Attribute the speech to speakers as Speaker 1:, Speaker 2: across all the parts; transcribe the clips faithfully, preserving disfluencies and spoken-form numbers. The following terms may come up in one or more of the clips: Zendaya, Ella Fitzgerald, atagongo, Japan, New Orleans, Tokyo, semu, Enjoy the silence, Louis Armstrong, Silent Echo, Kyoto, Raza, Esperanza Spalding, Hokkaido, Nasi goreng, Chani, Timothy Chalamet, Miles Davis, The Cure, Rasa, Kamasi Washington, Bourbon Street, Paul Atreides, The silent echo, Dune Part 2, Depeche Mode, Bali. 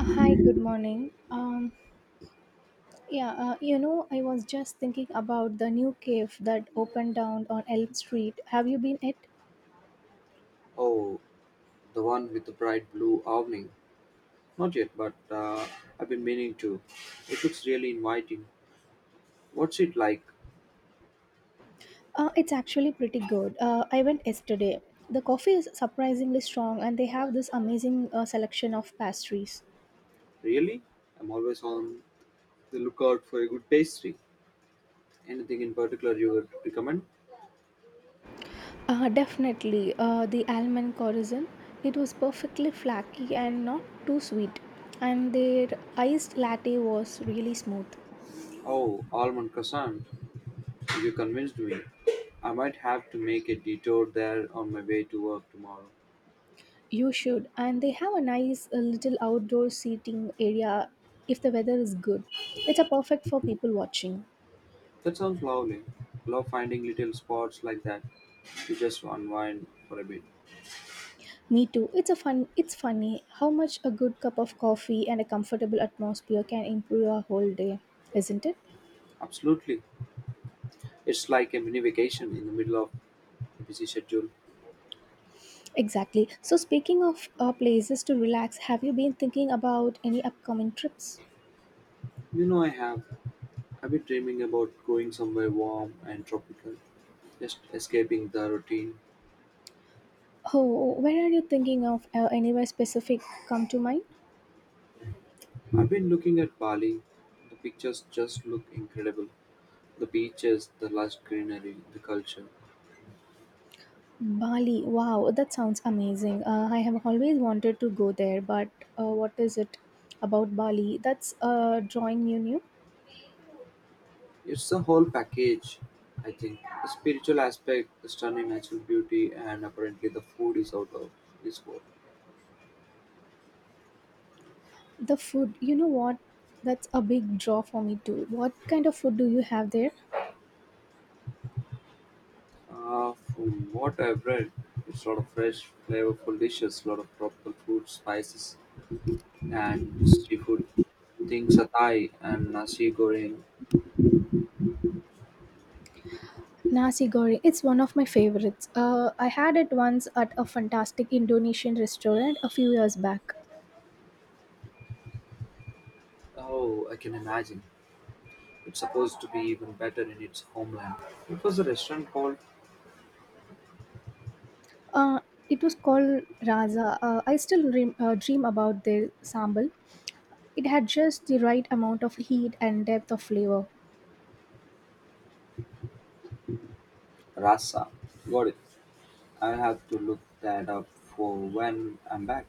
Speaker 1: Hi, good morning. Um, yeah, uh, you know, I was just thinking about the new cave that opened down on Elm Street. Have you been it?
Speaker 2: Oh, the one with the bright blue awning. Not yet, but uh, I've been meaning to. It looks really inviting. What's it like?
Speaker 1: Uh, it's actually pretty good. Uh, I went yesterday. The coffee is surprisingly strong, and they have this amazing uh, selection of pastries.
Speaker 2: Really? I'm always on the lookout for a good pastry. Anything in particular you would recommend?
Speaker 1: Uh, definitely, uh, the almond croissant. It was perfectly flaky and not too sweet, and their iced latte was really smooth.
Speaker 2: Oh, almond croissant. You convinced me. I might have to make a detour there on my way to work tomorrow.
Speaker 1: You should, and they have a nice uh, little outdoor seating area if the weather is good. It's a perfect for people watching.
Speaker 2: That sounds lovely. Love finding little spots like that to just unwind for a bit.
Speaker 1: Me too. It's a fun. It's funny how much a good cup of coffee and a comfortable atmosphere can improve our whole day, isn't it?
Speaker 2: Absolutely. It's like a mini vacation in the middle of busy schedule.
Speaker 1: Exactly. So speaking of uh, places to relax, have you been thinking about any upcoming trips?
Speaker 2: You know I have. I've been dreaming about going somewhere warm and tropical, just escaping the routine.
Speaker 1: Oh, where are you thinking of? Uh, anywhere specific come to mind?
Speaker 2: I've been looking at Bali. The pictures just look incredible. The beaches, the lush greenery, the culture.
Speaker 1: Bali, wow, that sounds amazing. Uh, I have always wanted to go there, but uh, what is it about Bali that's uh, drawing you new?
Speaker 2: It's a whole package, I think. The spiritual aspect, the stunning natural beauty, and apparently the food is out of this world.
Speaker 1: The food, you know what? That's a big draw for me too. What kind of food do you have there?
Speaker 2: Uh, from what I've read, it's a lot of fresh, flavorful dishes, a lot of tropical fruits, spices, and seafood. Think satay and nasi goreng.
Speaker 1: Nasi goreng, it's one of my favorites. Uh, I had it once at a fantastic Indonesian restaurant a few years back.
Speaker 2: Oh, I can imagine. It's supposed to be even better in its homeland. It was a restaurant called
Speaker 1: Uh, it was called Raza. Uh, I still dream, uh, dream about their sambal. It had just the right amount of heat and depth of flavor.
Speaker 2: Rasa. Got it. I'll have to look that up for when I'm back.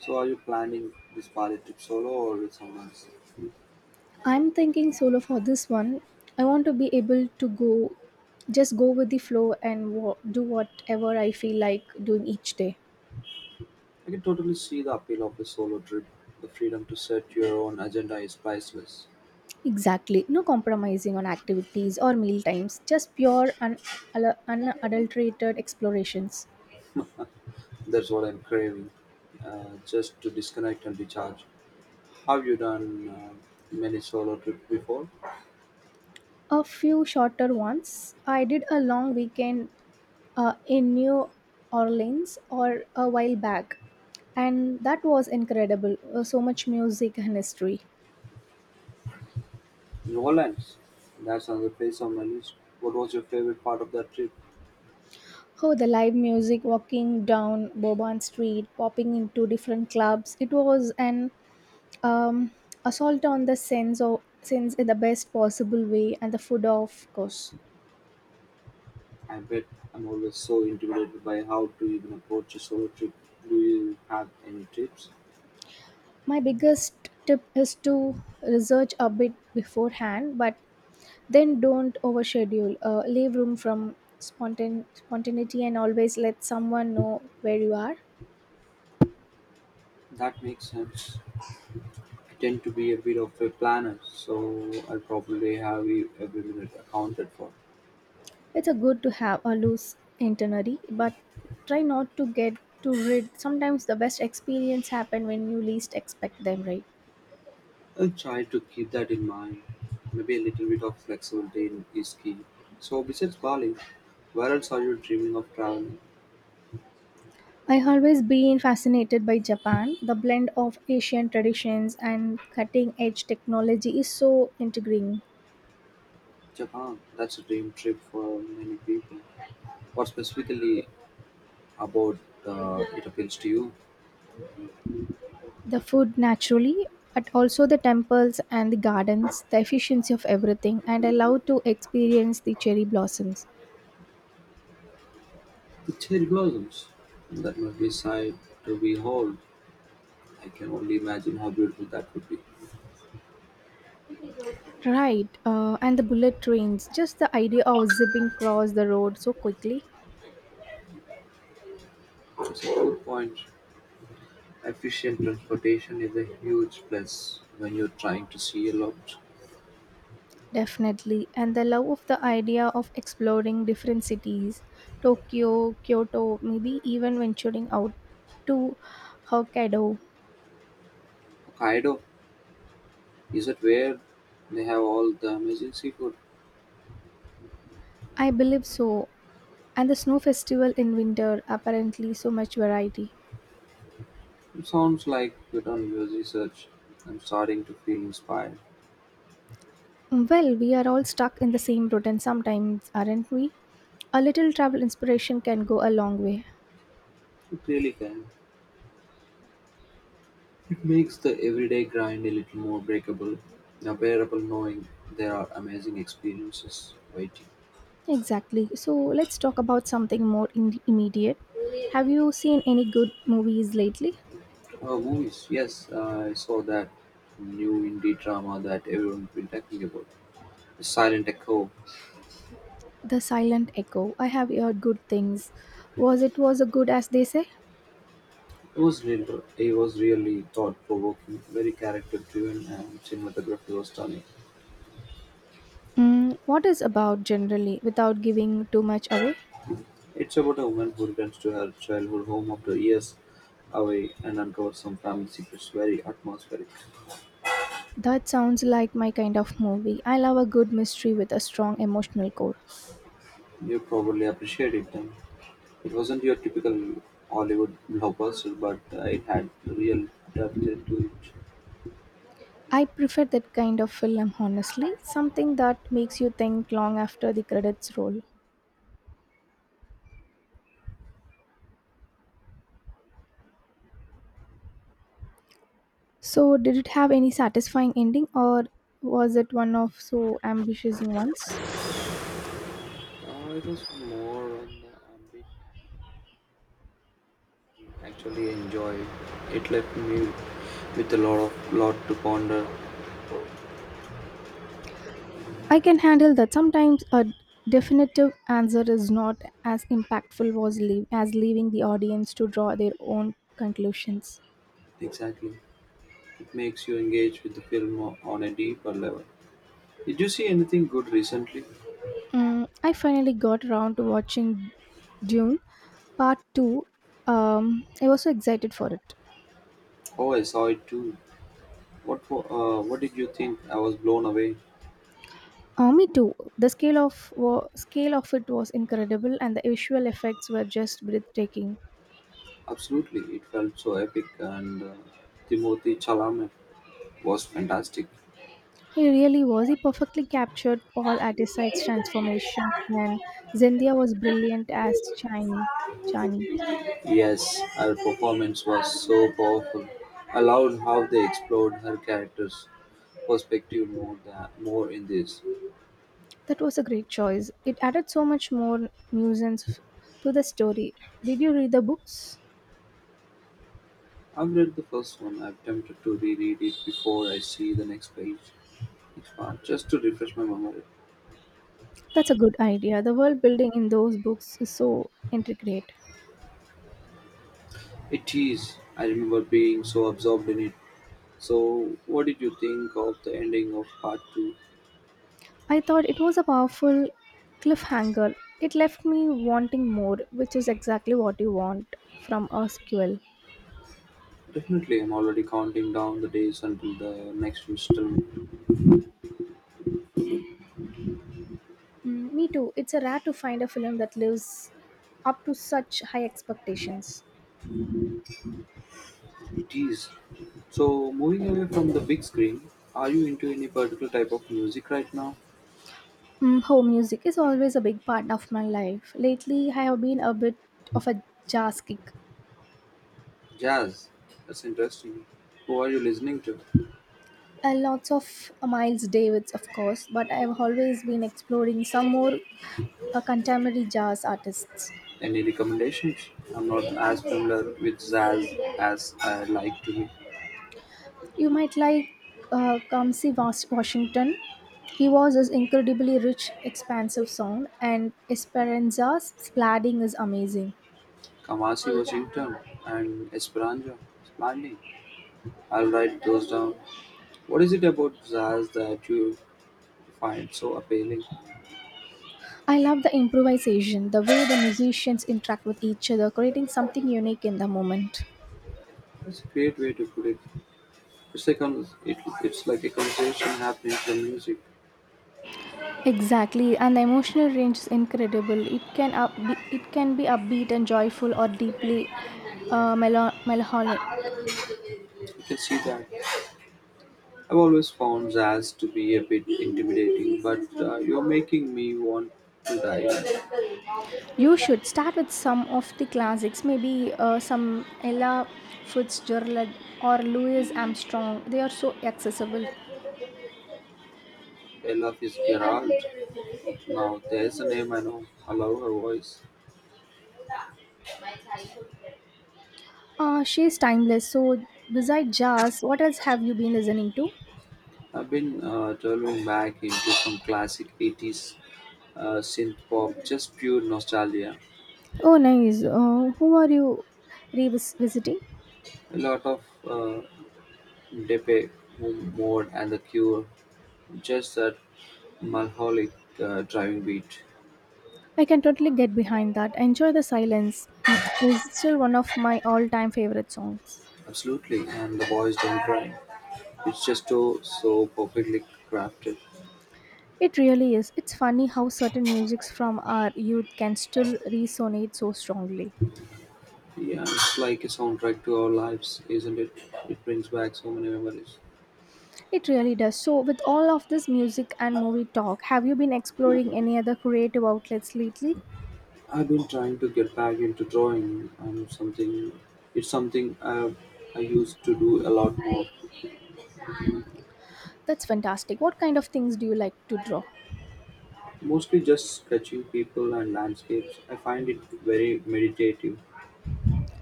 Speaker 2: So, are you planning this Bali trip solo or with someone else?
Speaker 1: I'm thinking solo for this one. I want to be able to go, just go with the flow and wa- do whatever I feel like doing each day.
Speaker 2: I can totally see the appeal of a solo trip. The freedom to set your own agenda is priceless.
Speaker 1: Exactly. No compromising on activities or meal times, just pure and un- al- unadulterated explorations.
Speaker 2: That's what I'm craving, uh, just to disconnect and recharge. Have you done uh, many solo trips before?
Speaker 1: A few shorter ones. I did a long weekend uh, in New Orleans or a while back, and that was incredible. Uh, so much music and history.
Speaker 2: New Orleans. That's another place on my list. What was your favorite part of that trip?
Speaker 1: Oh, the live music, walking down Bourbon Street, popping into different clubs. It was an um, assault on the sense of sense in the best possible way, and the food, of course.
Speaker 2: I bet. I'm always so intimidated by how to even approach a solo trip. Do you have any tips?
Speaker 1: My biggest tip is to research a bit beforehand, but then don't overschedule. Uh, leave room from spontan- spontaneity, and always let someone know where you are.
Speaker 2: That makes sense. I tend to be a bit of a planner, so I probably have e- every minute accounted for.
Speaker 1: It's a good to have a loose itinerary, but try not to get too rid. Sometimes the best experience happen when you least expect them, right?
Speaker 2: I'll try to keep that in mind. Maybe a little bit of flexibility in- is key. So, besides Bali, where else are you dreaming of traveling?
Speaker 1: I always been fascinated by Japan. The blend of Asian traditions and cutting edge technology is so intriguing.
Speaker 2: Japan. That's a dream trip for many people. What specifically about uh, it appeals to you.
Speaker 1: The food naturally, but also the temples and the gardens, the efficiency of everything, and I to experience the cherry blossoms.
Speaker 2: The cherry blossoms. That must be sight to behold. I can only imagine how beautiful that would be.
Speaker 1: Right, uh, and the bullet trains, just the idea of zipping across the road so quickly.
Speaker 2: It's a good point. Efficient transportation is a huge plus when you're trying to see a lot.
Speaker 1: Definitely. And the love of the idea of exploring different cities, Tokyo, Kyoto, maybe even venturing out to Hokkaido.
Speaker 2: Hokkaido, is it where they have all the amazing seafood?
Speaker 1: I believe so. And the snow festival in winter, apparently, so much variety.
Speaker 2: It sounds like you've done your research. I'm starting to feel inspired.
Speaker 1: Well, we are all stuck in the same routine sometimes, aren't we? A little travel inspiration can go a long way.
Speaker 2: It really can. It makes the everyday grind a little more breakable, now bearable, knowing there are amazing experiences waiting.
Speaker 1: Exactly. So let's talk about something more in- immediate. Have you seen any good movies lately?
Speaker 2: Oh, movies. Yes, I saw that new indie drama that everyone's been talking about. Silent Echo.
Speaker 1: The silent echo. I have heard good things. Was it was a good as they say?
Speaker 2: It was real, it was really thought provoking, very character driven, and cinematography was stunning.
Speaker 1: Mm, what is about generally without giving too much away?
Speaker 2: It's about a woman who returns to her childhood home after years away and uncovers some family secrets. Very atmospheric.
Speaker 1: That sounds like my kind of movie. I love a good mystery with a strong emotional core.
Speaker 2: You probably appreciate it then. It wasn't your typical Hollywood blockbuster, but uh, it had real depth to it.
Speaker 1: I prefer that kind of film honestly, something that makes you think long after the credits roll. So, did it have any satisfying ending or was it one of so ambitious ones?
Speaker 2: Uh, it was more on the ambition. Actually, I enjoyed. It left me with a lot of lot to ponder.
Speaker 1: I can handle that sometimes a definitive answer is not as impactful was leave, as leaving the audience to draw their own conclusions.
Speaker 2: Exactly, it makes you engage with the film o- on a deeper level. Did you see anything good recently?
Speaker 1: Mm, I finally got around to watching Dune Part two. Um, I was so excited for it.
Speaker 2: Oh, I saw it too. What wa- uh, what did you think? I was blown away.
Speaker 1: Uh, me too. The scale of wa- scale of it was incredible, and the visual effects were just breathtaking.
Speaker 2: Absolutely, it felt so epic, and uh, Timothy Chalamet was fantastic.
Speaker 1: He really was. He perfectly captured Paul Atreides' transformation, and Zendaya was brilliant as Chani. Chani.
Speaker 2: Yes, her performance was so powerful. I loved how they explored her character's perspective more than, more in this.
Speaker 1: That was a great choice. It added so much more nuisance to the story. Did you read the books?
Speaker 2: I've read the first one. I'm tempted to reread it before I see the next page, next part, just to refresh my memory.
Speaker 1: That's a good idea. The world building in those books is so intricate.
Speaker 2: It is. I remember being so absorbed in it. So, what did you think of the ending of part two?
Speaker 1: I thought it was a powerful cliffhanger. It left me wanting more, which is exactly what you want from a sequel.
Speaker 2: Definitely, I'm already counting down the days until the next installment.
Speaker 1: Mm, me too. It's a rare to find a film that lives up to such high expectations.
Speaker 2: It is. So, moving away from the big screen, are you into any particular type of music right now?
Speaker 1: Mm, oh, music is always a big part of my life. Lately, I have been a bit of a jazz kick.
Speaker 2: Jazz. That's interesting. Who are you listening to?
Speaker 1: Uh, lots of uh, Miles Davis, of course, but I have always been exploring some more uh, contemporary jazz artists.
Speaker 2: Any recommendations? I'm not as familiar with jazz as I like to be.
Speaker 1: You might like uh, Kamsi Was- Washington. He was his incredibly rich, expansive sound, and Esperanza's plading is amazing.
Speaker 2: Kamasi Washington and Esperanza Spalding. I'll write those down. What is it about jazz that you find so appealing?
Speaker 1: I love the improvisation, the way the musicians interact with each other, creating something unique in the moment.
Speaker 2: That's a great way to put it. It's, a con- it, it's like a conversation happening through music.
Speaker 1: Exactly, and the emotional range is incredible. It can up be, it can be upbeat and joyful, or deeply
Speaker 2: You
Speaker 1: uh, melo- melancholic.
Speaker 2: can see that. I've always found jazz to be a bit intimidating, but uh, you're making me want to dive in.
Speaker 1: You should start with some of the classics, maybe uh, some Ella Fitzgerald or Louis Armstrong. They are so accessible.
Speaker 2: I love his Gerald. Now, there's a name I know. I love her voice.
Speaker 1: Uh, she's timeless. So, besides jazz, what else have you been listening to?
Speaker 2: I've been uh, delving back into some classic eighties uh, synth pop, just pure nostalgia.
Speaker 1: Oh, nice. Uh, who are you revisiting?
Speaker 2: A lot of uh, Depe Mode and The Cure, just that melancholic uh, driving beat.
Speaker 1: I can totally get behind that. Enjoy the silence. Mm, It's still one of my all-time favorite songs.
Speaker 2: Absolutely, and the boys don't cry. It's just so, so perfectly crafted.
Speaker 1: It really is. It's funny how certain musics from our youth can still resonate so strongly.
Speaker 2: Yeah, it's like a soundtrack to our lives, isn't it? It brings back so many memories.
Speaker 1: It really does. So, with all of this music and movie talk, have you been exploring any other creative outlets lately?
Speaker 2: I've been trying to get back into drawing. Um, something It's something I I used to do a lot more.
Speaker 1: That's fantastic. What kind of things do you like to draw?
Speaker 2: Mostly just sketching people and landscapes. I find it very meditative.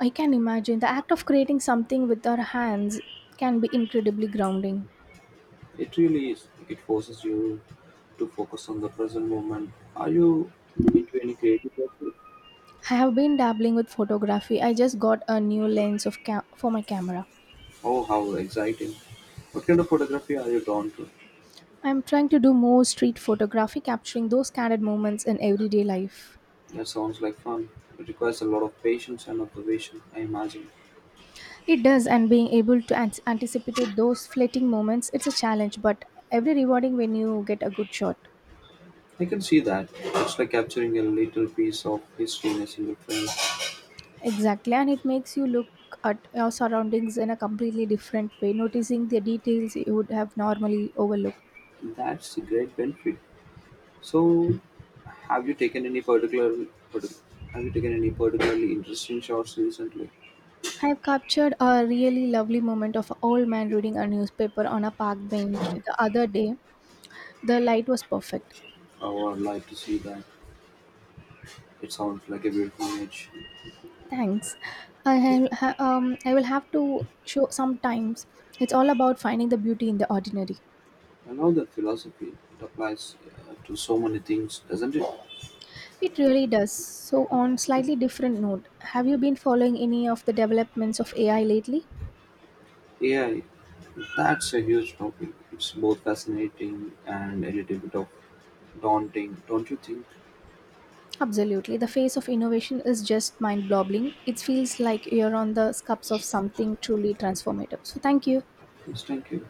Speaker 1: I can imagine the act of creating something with our hands can be incredibly grounding.
Speaker 2: It really is. It forces you to focus on the present moment. Are you into any creative pursuit?
Speaker 1: I have been dabbling with photography. I just got a new lens of ca- for my camera.
Speaker 2: Oh, how exciting! What kind of photography are you drawn to?
Speaker 1: I'm trying to do more street photography, capturing those candid moments in everyday life.
Speaker 2: That sounds like fun. It requires a lot of patience and observation, I imagine.
Speaker 1: It does, and being able to an- anticipate those fleeting moments, it's a challenge, but every rewarding when you get a good shot.
Speaker 2: I can see that. It's like capturing a little piece of history in a single frame.
Speaker 1: Exactly, and it makes you look at your surroundings in a completely different way, noticing the details you would have normally overlooked.
Speaker 2: That's a great benefit. So, have you taken any particular, partic- have you taken any particularly interesting shots recently?
Speaker 1: I have captured a really lovely moment of an old man reading a newspaper on a park bench the other day. The light was perfect.
Speaker 2: Oh, I'd like to see that. It sounds like a beautiful image.
Speaker 1: Thanks. I have ha- um I will have to show sometimes. It's all about finding the beauty in the ordinary.
Speaker 2: I love that philosophy. It applies uh, to so many things, doesn't it?
Speaker 1: It really does. So on slightly different note, have you been following any of the developments of A I lately?
Speaker 2: Yeah, that's a huge topic. It's both fascinating and a little bit of daunting, don't you think?
Speaker 1: Absolutely. The phase of innovation is just mind-boggling. It feels like you're on the cusp of something truly transformative. So thank you.
Speaker 2: Yes, thank you.